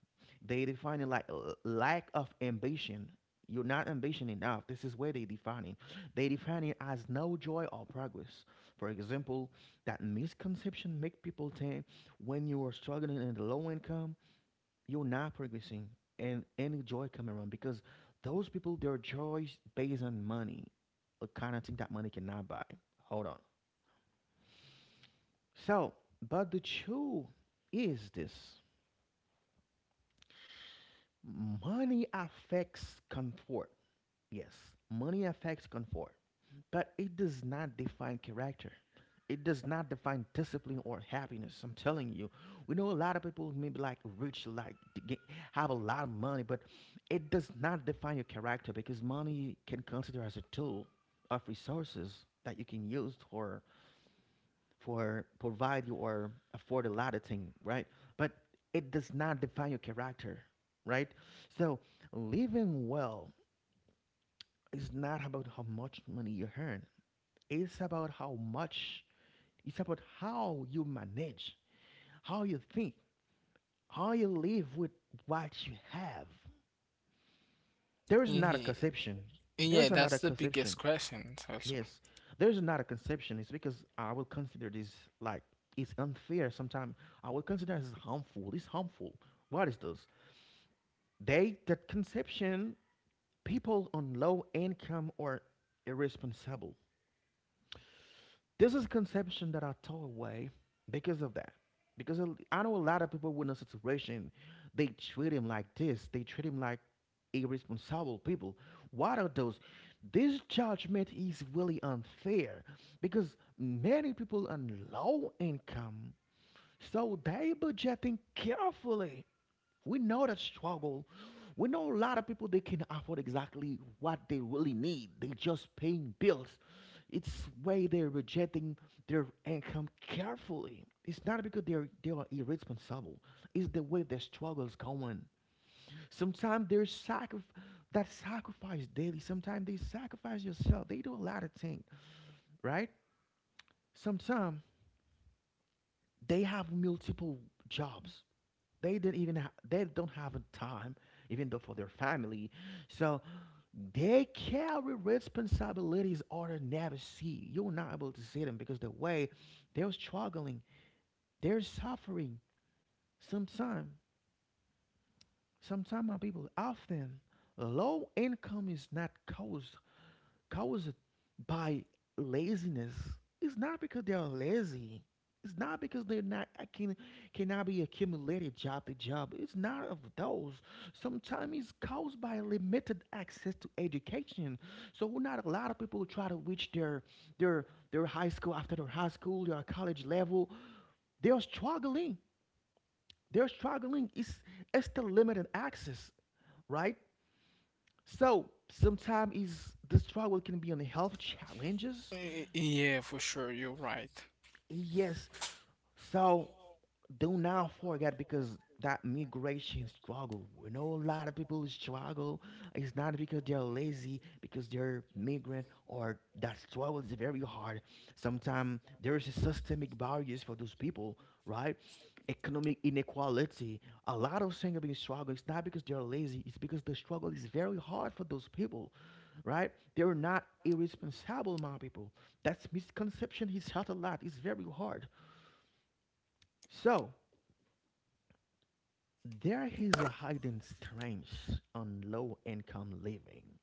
S1: They define it like lack of ambition. You're not ambition enough. This is where they define it. They define it as no joy or progress. For example, that misconception make people think when you are struggling in the low income, you're not progressing and any joy coming around because those people their joy based on money, a kind of thing that money cannot buy. Hold on, so but the truth is this. Money affects comfort, yes, money affects comfort, but it does not define character. It does not define discipline or happiness. I'm telling you, we know a lot of people maybe like rich, like to get, have a lot of money, but it does not define your character, because money can consider as a tool of resources that you can use for provide you or afford a lot of things, right? But it does not define your character, right? So living well is not about how much money you earn. It's about how much. It's about how you manage, how you think, how you live with what you have. There is not a
S2: Yeah,
S1: conception.
S2: yeah,
S1: There's another
S2: that's the biggest
S1: conception.
S2: question, also.
S1: Yes, there's not a conception. It's because I will consider this like it's unfair. Sometimes I will consider this harmful. It's harmful. What is this? They that conception, people on low income are irresponsible. This is conception that I tore away because of that. I know a lot of people in a situation, they treat him like this. They treat him like irresponsible people. What are those? This judgment is really unfair, because many people on low income, so they budgeting carefully. We know the struggle. We know a lot of people they can afford exactly what they really need. They just paying bills. It's way they're rejecting their income carefully. It's not because they are irresponsible. It's the way their struggle's going. Sometimes that sacrifice daily. Sometimes they sacrifice yourself. They do a lot of things, right? Sometimes they have multiple jobs. They don't have a time, even though for their family. So they carry responsibilities others never see. You're not able to see them because the way they're struggling, they're suffering. Sometimes, sometimes my people often low income is not caused by laziness, is not because they are lazy. It's not because they're not I can cannot be accumulated job to job. It's not of those. Sometimes it's caused by limited access to education. So not a lot of people try to reach their their their high school, after their high school, their college level. They are struggling. They're struggling. It's the limited access, right? So sometimes is the struggle can be on health challenges.
S2: Yeah, for sure. You're right.
S1: Yes, so do not forget because that migration struggle. We know a lot of people struggle. It's not because they're lazy, because they're migrant or that struggle is very hard. Sometimes there is a systemic barriers for those people, right? Economic inequality. A lot of single being struggle. It's not because they're lazy. It's because the struggle is very hard for those people, right? They're not irresponsible, my people. That's misconception. He's had a lot. It's very hard, so there is a hidden strength on low income living.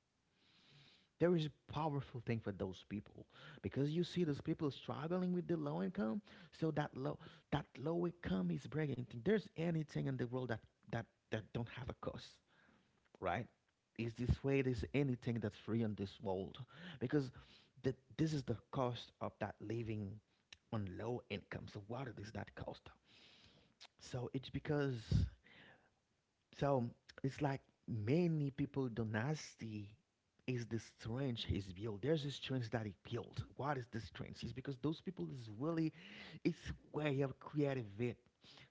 S1: There is a powerful thing for those people, because you see those people struggling with the low income. So that low income is breaking thing. There's anything in the world that that that don't have a cost, right? Is this way? There's anything that's free in this world, because this is the cost of that living on low income. So what is that cost? So it's because, so it's like many people don't dynasty is the strength he's built. There's a strength that he built. What is the strength? It's because those people is really it's way of creative it.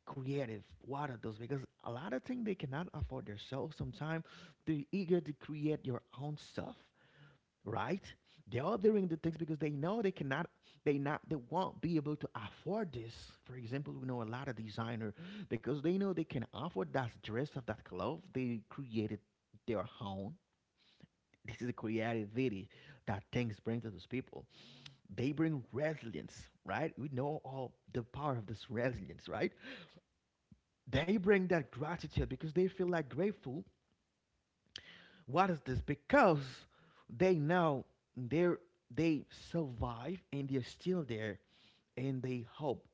S1: Creative. What are those? Because a lot of things they cannot afford themselves. Sometimes they're eager to create your own stuff, right? They are doing the things because they know they cannot, they not, they won't be able to afford this. For example, we know a lot of designer, because they know they can afford that dress of that cloth. They created their own. This is the creativity that things bring to those people. They bring resilience, right? We know all the power of this resilience, right? They bring that gratitude because they feel like grateful. What is this? Because they know they're they survive and they're still there and they hope.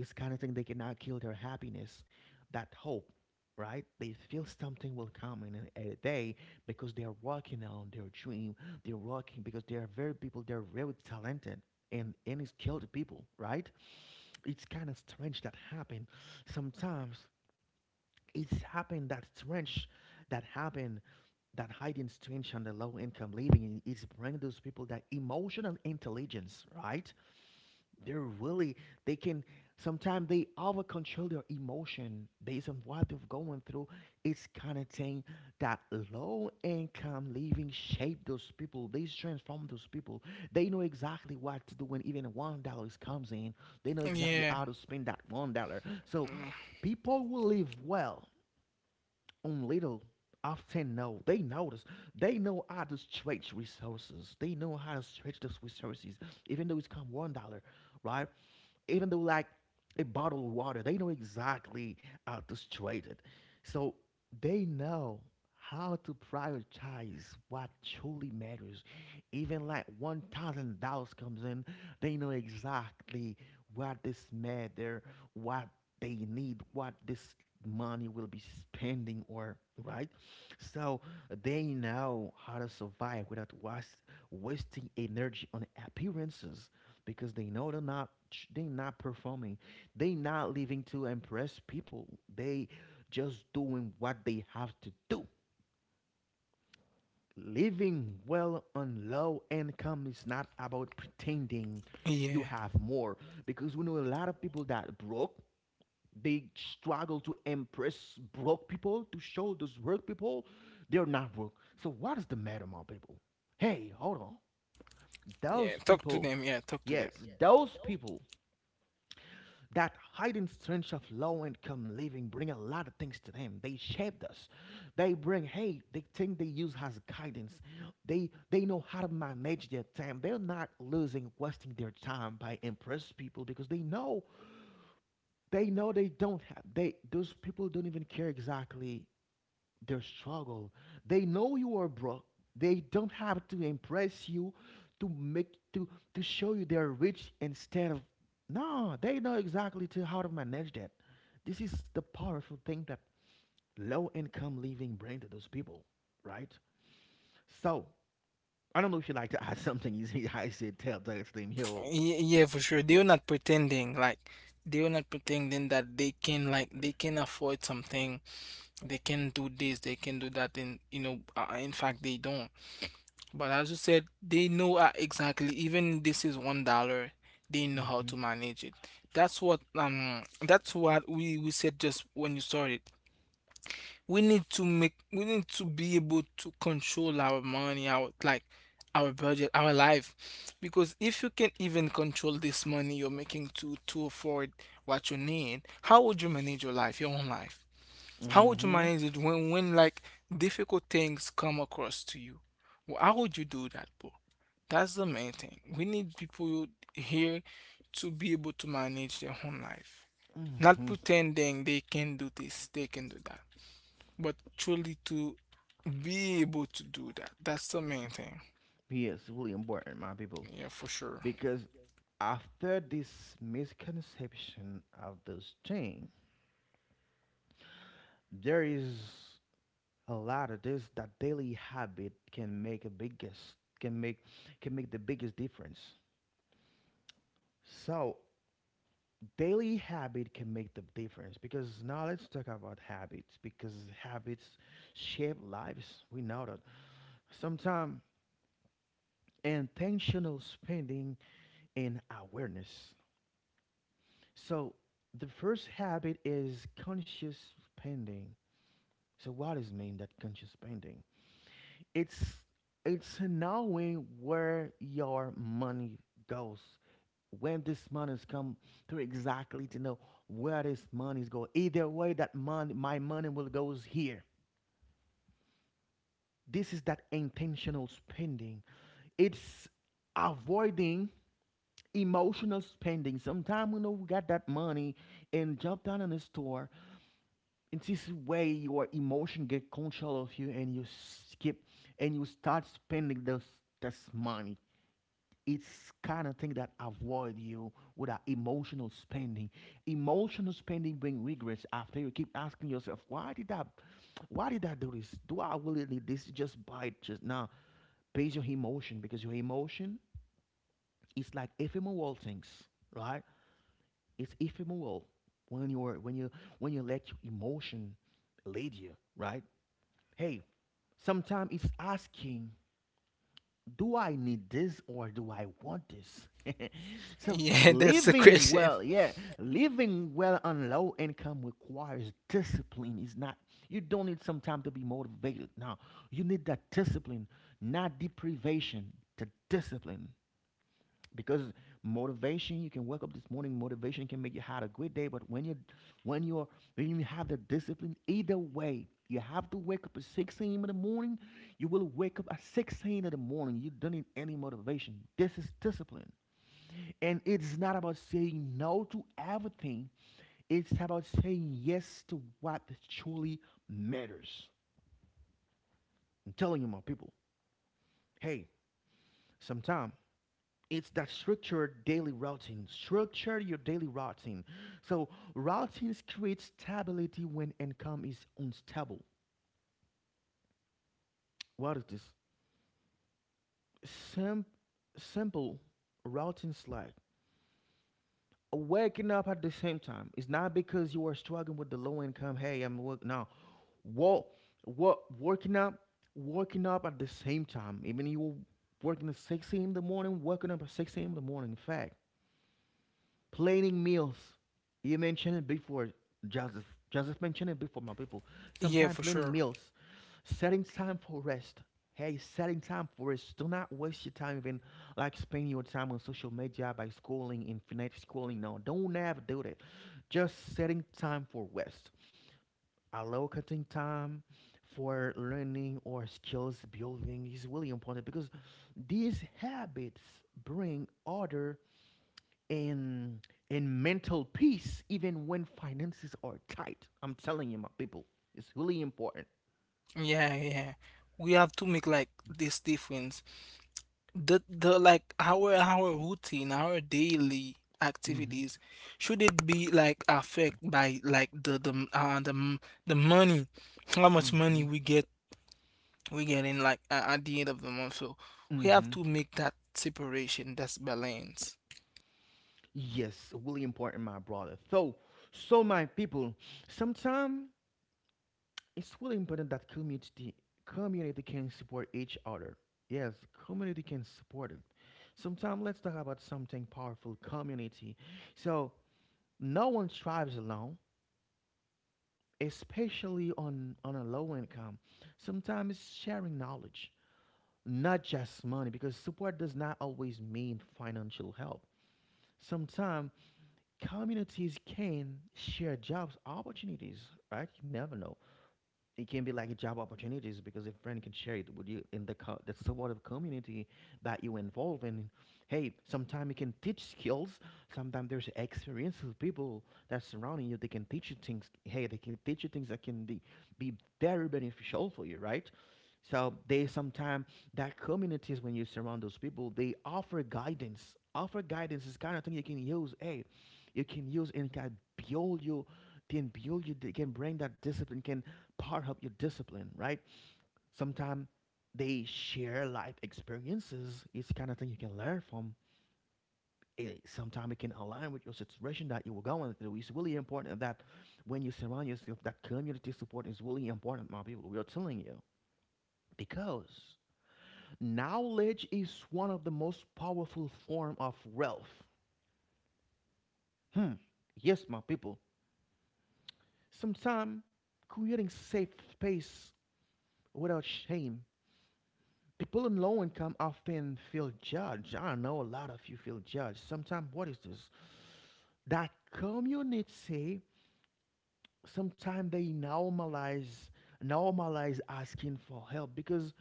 S1: It's kind of thing they cannot kill their happiness, that hope, right? They feel something will come in a day, because they are working on their dream. They're working because they are very people, they're very talented, and it's killed people, right? It's kind of strange that happen. Sometimes it's happened that strange that happen, that hiding strange and the low income living is bring those people that emotional intelligence, right? They're really they can sometimes they over control their emotion based on what they're going through. It's kind of thing that low income living shape those people. They transform those people. They know exactly what to do when even $1 comes in. They know exactly
S2: Yeah.
S1: how to spend that $1. So
S2: Mm.
S1: people will live well on little, often know they notice they know how to stretch resources, they know how to stretch those resources even though it's come $1, right? Even though like a bottle of water, they know exactly how to straight it. So they know how to prioritize what truly matters. Even like $1,000 comes in, they know exactly what this matter, what they need, what this money will be spending or, right? So they know how to survive without wasting energy on appearances, because they know they not performing, they not living to impress people, they just doing what they have to do. Living well on low income is not about pretending you
S2: Yeah.
S1: have more, because we know a lot of people that broke, they struggle to impress broke people, to show those broke people they're not broke. So what is the matter, my people? Hey, hold on,
S2: Yeah,
S1: those
S2: talk to
S1: people,
S2: them. Yeah, talk to them.
S1: yes, those people, that hidden strengths of low income living bring a lot of things to them. They shaped us. They bring, hey, they think they use as guidance. They know how to manage their time. They're not losing wasting their time by impress people, because they know they those people don't even care exactly their struggle. They know you are broke. They don't have to impress you to make to show you they're rich, instead of no, they know exactly to how to manage that. This is the powerful thing that low income living bring to those people, right? So I don't know if you like to add something. [LAUGHS] You see, I said tell that thing here.
S2: Yeah, for sure. They're not pretending that they can, like, they can afford something. They can do this. They can do that. And you know, in fact, they don't. But as you said, they know exactly. Even this is $1. They know how
S1: Hmm.
S2: to manage it. That's what we said just when you started. We need to be able to control our money, our like our budget, our life, because if you can even control this money you're making to afford what you need, how would you manage your life, your own life? How would you
S1: Hmm.
S2: manage it when, like, difficult things come across to you? How would you do that, bro? That's the main thing. We need people here to be able to manage their own life, not
S1: Hmm.
S2: pretending they can do this, they can do that, but truly to be able to do that. That's the main thing.
S1: Yes, really important, my people.
S2: Yeah, for sure.
S1: Because after this misconception of those things, there is a lot of this that daily habit can make the biggest difference. So daily habit can make the difference, because now let's talk about habits, because habits shape lives. We know that. Sometimes intentional spending and awareness. So the first habit is conscious spending. So what does mean that conscious spending? it's it's knowing where your money goes. When this money is come through, exactly to know where this money is going, either way that money, my money will goes here. This is that intentional spending. It's avoiding emotional spending. Sometimes we know we got that money and jump down in the store, and this way, your emotion get control of you and you skip and you start spending this money. It's kind of thing that avoid you with that emotional spending. Emotional spending bring regrets. After, you keep asking yourself, why did I do this? Do I really need this? Just buy it just now based on emotion, because your emotion is like ephemeral things, right? It's ephemeral. When you're when you when you let your emotion lead you, right? Hey, sometimes it's asking, do I need this or do I want this? [LAUGHS] So,
S2: Yeah, [LAUGHS] that's the
S1: living
S2: question.
S1: well, yeah, living well on low income requires discipline. It's not, you don't need some time to be motivated. No, you need that discipline, not deprivation, the discipline, because motivation, you can wake up this morning. Motivation can make you have a great day, but when you're when you have the discipline, either way you have to wake up at 6 a.m in the morning. You will wake up at 6 a.m in the morning. You don't need any motivation. This is discipline. And it's not about saying no to everything. It's about saying yes to what truly matters. I'm telling you, my people. Hey, sometimes. It's that structured daily routine. Structure your daily routine. So routines create stability when income is unstable. What is this? Sim- Simple routines like waking up at the same time. It's not because you are struggling with the low income. Hey, I'm working now. What what working up at the same time. Even you working at 6 a.m. in the morning, working up at 6 a.m. in the morning. In fact, planning meals. You mentioned it before, Joseph. Joseph mentioned it before, my people.
S2: Yeah,
S1: Sometimes
S2: for
S1: planning
S2: sure.
S1: meals, setting time for rest. Hey, setting time for rest. Do not waste your time, even like spending your time on social media by scrolling, infinite scrolling. No, don't ever do that. Just setting time for rest. Allocating time for learning or skills building is really important, because these habits bring order and and mental peace even when finances are tight. I'm telling you, my people, it's really important.
S2: Yeah, yeah. We have to make like this difference. The like our routine, our daily
S1: Mhm,
S2: activities, should it be like affected by like the money, how much money
S1: mhm,
S2: we're getting, like, at the end of the month. So we have
S1: mhm.
S2: to make that separation. That's balance.
S1: Yes, really important, my brother. So, so my people, sometimes it's really important that community can support each other. Yes, community can support it. Sometimes let's talk about something powerful: community. So no one strives alone, especially on a low income. Sometimes it's sharing knowledge, not just money, because support does not always mean financial help. Sometimes communities can share jobs opportunities, right? You never know. It can be like a job opportunities, because if friend can share it with you in the the support of community that you involve in. Hey, sometimes you can teach skills. Sometimes there's experience with people that surrounding you. They can teach you things. Hey, they can teach you things that can be very beneficial for you, right? So they sometimes that communities, when you surround those people, they offer guidance. Offer guidance is kind of thing you can use. Hey, you can use and can build you, can build you. They can bring that discipline, can part of your discipline, right? Sometimes they share life experiences. It's the kind of thing you can learn from. Sometimes it can align with your situation that you were going through. It's really important that when you surround yourself, that community support is really important, my people. We are telling you, because knowledge is one of the most powerful form of wealth. Hmm. Yes, my people. Sometimes creating safe space without shame. People in low income often feel judged. I know a lot of you feel judged. Sometimes, what is this? That community, sometimes they normalize asking for help, because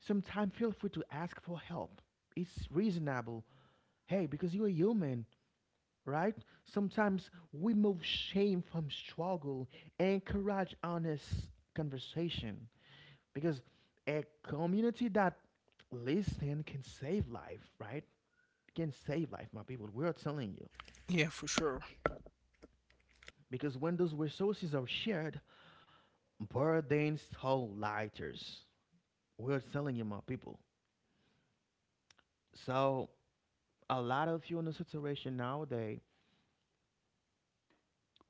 S1: sometimes feel free to ask for help. It's reasonable. Hey, because you're human, right? Sometimes we move shame from struggle and encourage honest conversation, because a community that listen can save life, right? Can save life, my people. We are telling you.
S2: Yeah, for sure.
S1: Because when those resources are shared, burdens hold lighter. We are telling you, my people. So a lot of you in the situation nowadays,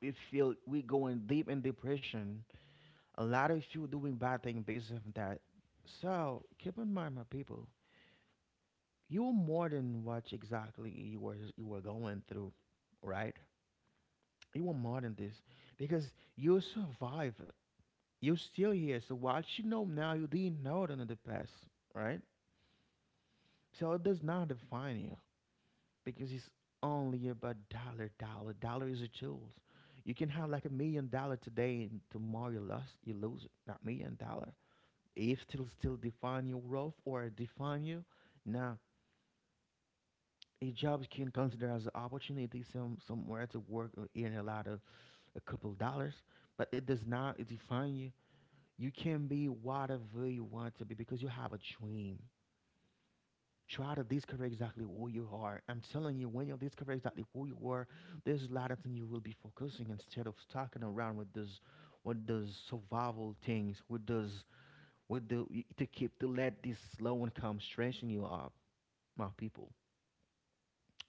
S1: we feel we going deep in depression. A lot of you doing bad things based on that. So keep in mind, my people, you are more than what exactly you were going through, right? You are more than this, because you survive. You're still here, so what you know now you didn't know it in the past, right? So it does not define you, because it's only about dollar. Dollar, dollar is a tool. You can have like $1 million today, and tomorrow you lose it. Not million dollar. If still define your worth or define you, now a job can consider as an opportunity somewhere to work or earn a lot of a couple dollars, but it does not define you. You can be whatever you want to be, because you have a dream. Try to discover exactly who you are. I'm telling you, when you discover exactly who you are, there's a lot of things you will be focusing instead of stalking around with those survival things, with those, with the, to keep to let this slow and calm stressing you up, my people.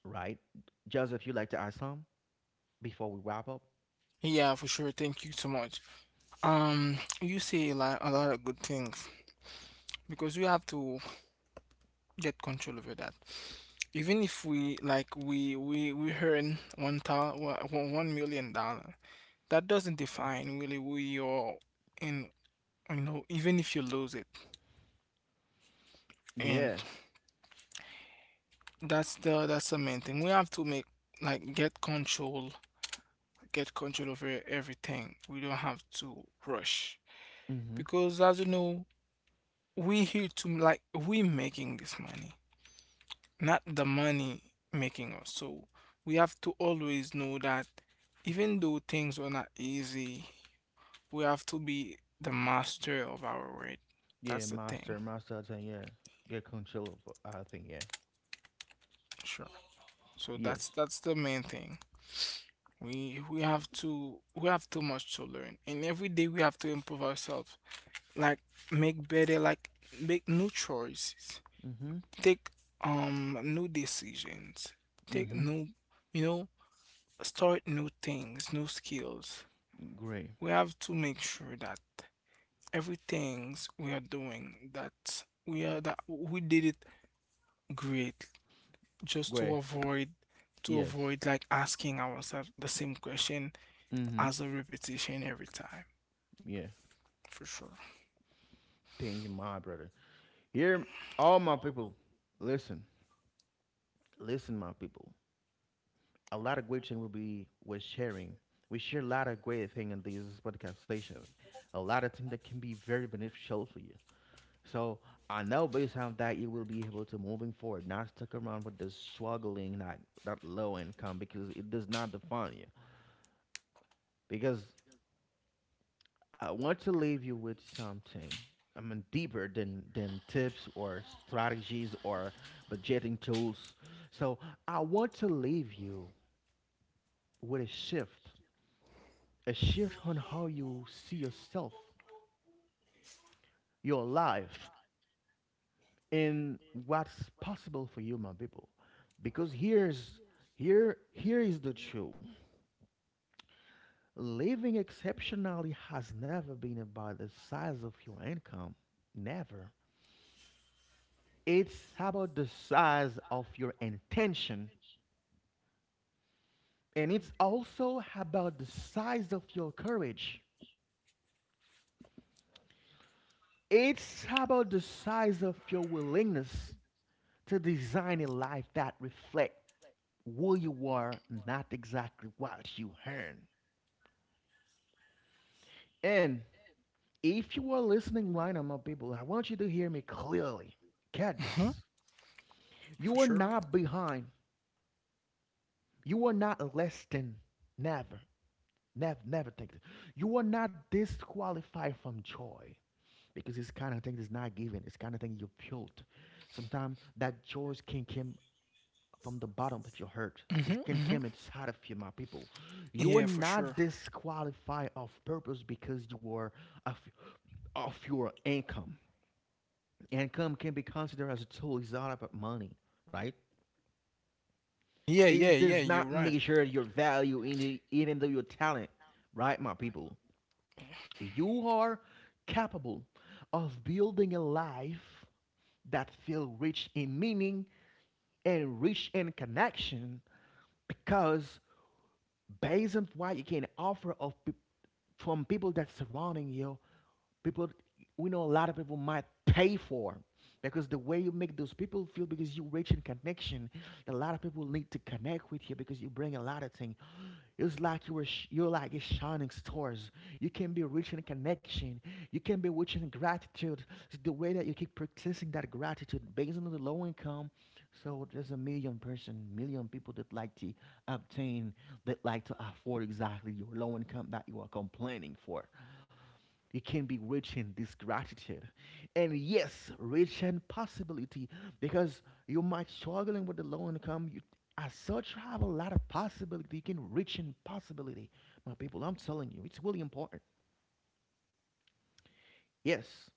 S1: Right, Joseph, you like to add some before we wrap up?
S2: Yeah, for sure. Thank you so much. You say like a lot of good things, because you have to get control over that. Even if we like we earn one million dollar, that doesn't define really who you're in. You know, even if you lose it, and
S1: Yeah.
S2: that's the main thing. We have to make like get control over everything. We don't have to rush
S1: Mm-hmm.
S2: because, as you know, we here to like we making this money, not the money making us. So we have to always know that even though things were not easy, we have to be the master of our word.
S1: Yeah,
S2: That's the thing.
S1: master, master, I think, yeah. Get control of, I think, yeah.
S2: Sure. So
S1: Yes.
S2: that's the main thing. We have to we have too much to learn, and every day we have to improve ourselves. Like make better, like make new choices,
S1: Mm-hmm.
S2: take new decisions, take
S1: Mm-hmm.
S2: new, you know, start new things, new skills.
S1: Great.
S2: We have to make sure that everything we are doing that we did it great, just to
S1: Great.
S2: avoid
S1: Yes.
S2: like asking ourselves the same question
S1: Mm-hmm.
S2: as a repetition every time.
S1: Yeah.
S2: For sure.
S1: Thing in my brother. Here, all my people, listen, listen, my people. A lot of great thing will be we're sharing. We share a lot of great thing in this podcast session. A lot of things that can be very beneficial for you. So I know based on that you will be able to moving forward, not stuck around with this struggling, not that low income because it does not define you. Because I want to leave you with something, I mean, deeper than tips or strategies or budgeting tools. So I want to leave you with a shift on how you see yourself, your life, and what's possible for you, my people. Because here is the truth. Living exceptionally has never been about the size of your income. Never. It's about the size of your intention, and it's also about the size of your courage. It's about the size of your willingness to design a life that reflects who you are, not exactly what you earn. And if you are listening right now, my people, I want you to hear me clearly. Get
S2: Hmm.
S1: this.
S2: For
S1: You are
S2: sure.
S1: not behind. You are not less than. Never. Never, never think that. You are not disqualified from joy, because it's kind of thing is not given. It's kind of thing you built. Sometimes that joy can come from the bottom of your heart.
S2: Hmm.
S1: It can
S2: Hmm.
S1: come inside of you, my people. You are
S2: Yeah, for sure.
S1: not disqualified of purpose because you are of, of your income. Income can be considered as a tool. It's all about money, right?
S2: Yeah, yeah,
S1: It
S2: yeah,
S1: does
S2: you're
S1: not
S2: right.
S1: measure your value in the, even though your talent, right, my people? You are capable of building a life that feels rich in meaning and rich in connection, because based on what you can offer of peop from people that surrounding you, people we know, a lot of people might pay for, because the way you make those people feel, because you rich in connection. A lot of people need to connect with you because you bring a lot of things. It's like you were you're like a shining stars. You can be reaching connection. You can be reaching gratitude. It's the way that you keep practicing that gratitude based on the low income. So there's a million person, million people that like to obtain, that like to afford exactly your low income that you are complaining for. It can be rich in this gratitude. And yes, rich in possibility, because you might struggling with the low income. You, as such, have a lot of possibility. You can rich in possibility. My people, I'm telling you, it's really important. Yes,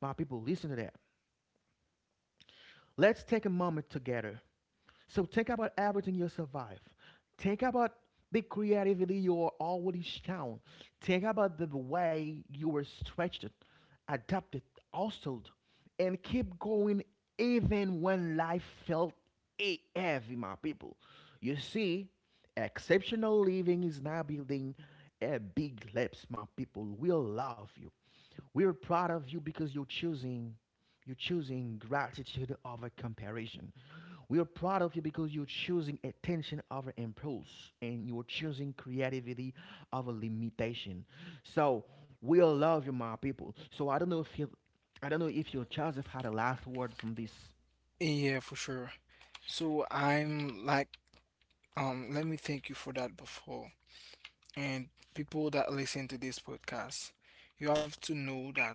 S1: my people, listen to that. Let's take a moment together. So think about everything you survive. Think about the creativity you are already shown. Think about the way you were stretched, adapted, also, and keep going even when life felt heavy, my people. You see, exceptional living is not building a big lips, my people. We love you. We're proud of you because you're choosing gratitude over comparison. We are proud of you because you're choosing attention over impulse, and you're choosing creativity over limitation. So we all love you, my people. So I don't know if your Joseph had a last word from this.
S2: Yeah, for sure. So I'm like, let me thank you for that before. And people that listen to this podcast, you have to know that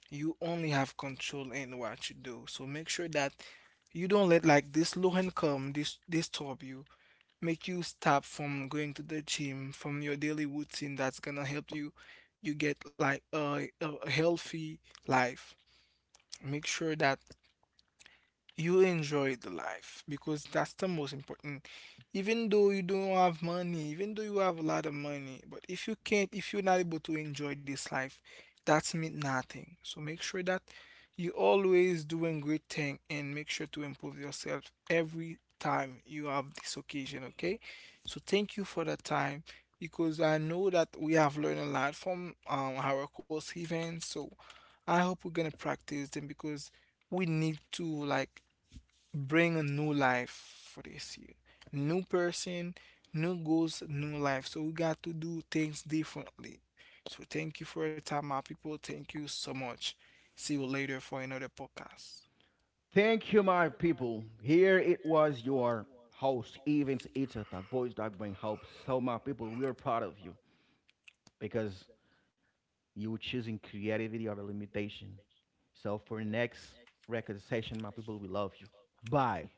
S2: you only have control in what you do. So make sure that you don't let like this low income this disturb you, make you stop from going to the gym, from your daily routine that's gonna help you get like a healthy life. Make sure that you enjoy the life because that's the most important. Even though you don't have money, even though you have a lot of money, but if you can't, if you're not able to enjoy this life, that's mean nothing. So make sure that you always doing great thing and make sure to improve yourself every time you have this occasion, okay? So thank you for the time because I know that we have learned a lot from our course events. So I hope we're gonna practice them because we need to like bring a new life for this year. New person, new goals, new life. So we got to do things differently. So thank you for your time, my people. Thank you so much. See you later for another podcast.
S1: Thank you, my people. Here it was your host, Evans. It's that voice that bring hope. So my people, we are proud of you, because you were choosing creativity over limitation. So for next record session, my people, we love you. Bye.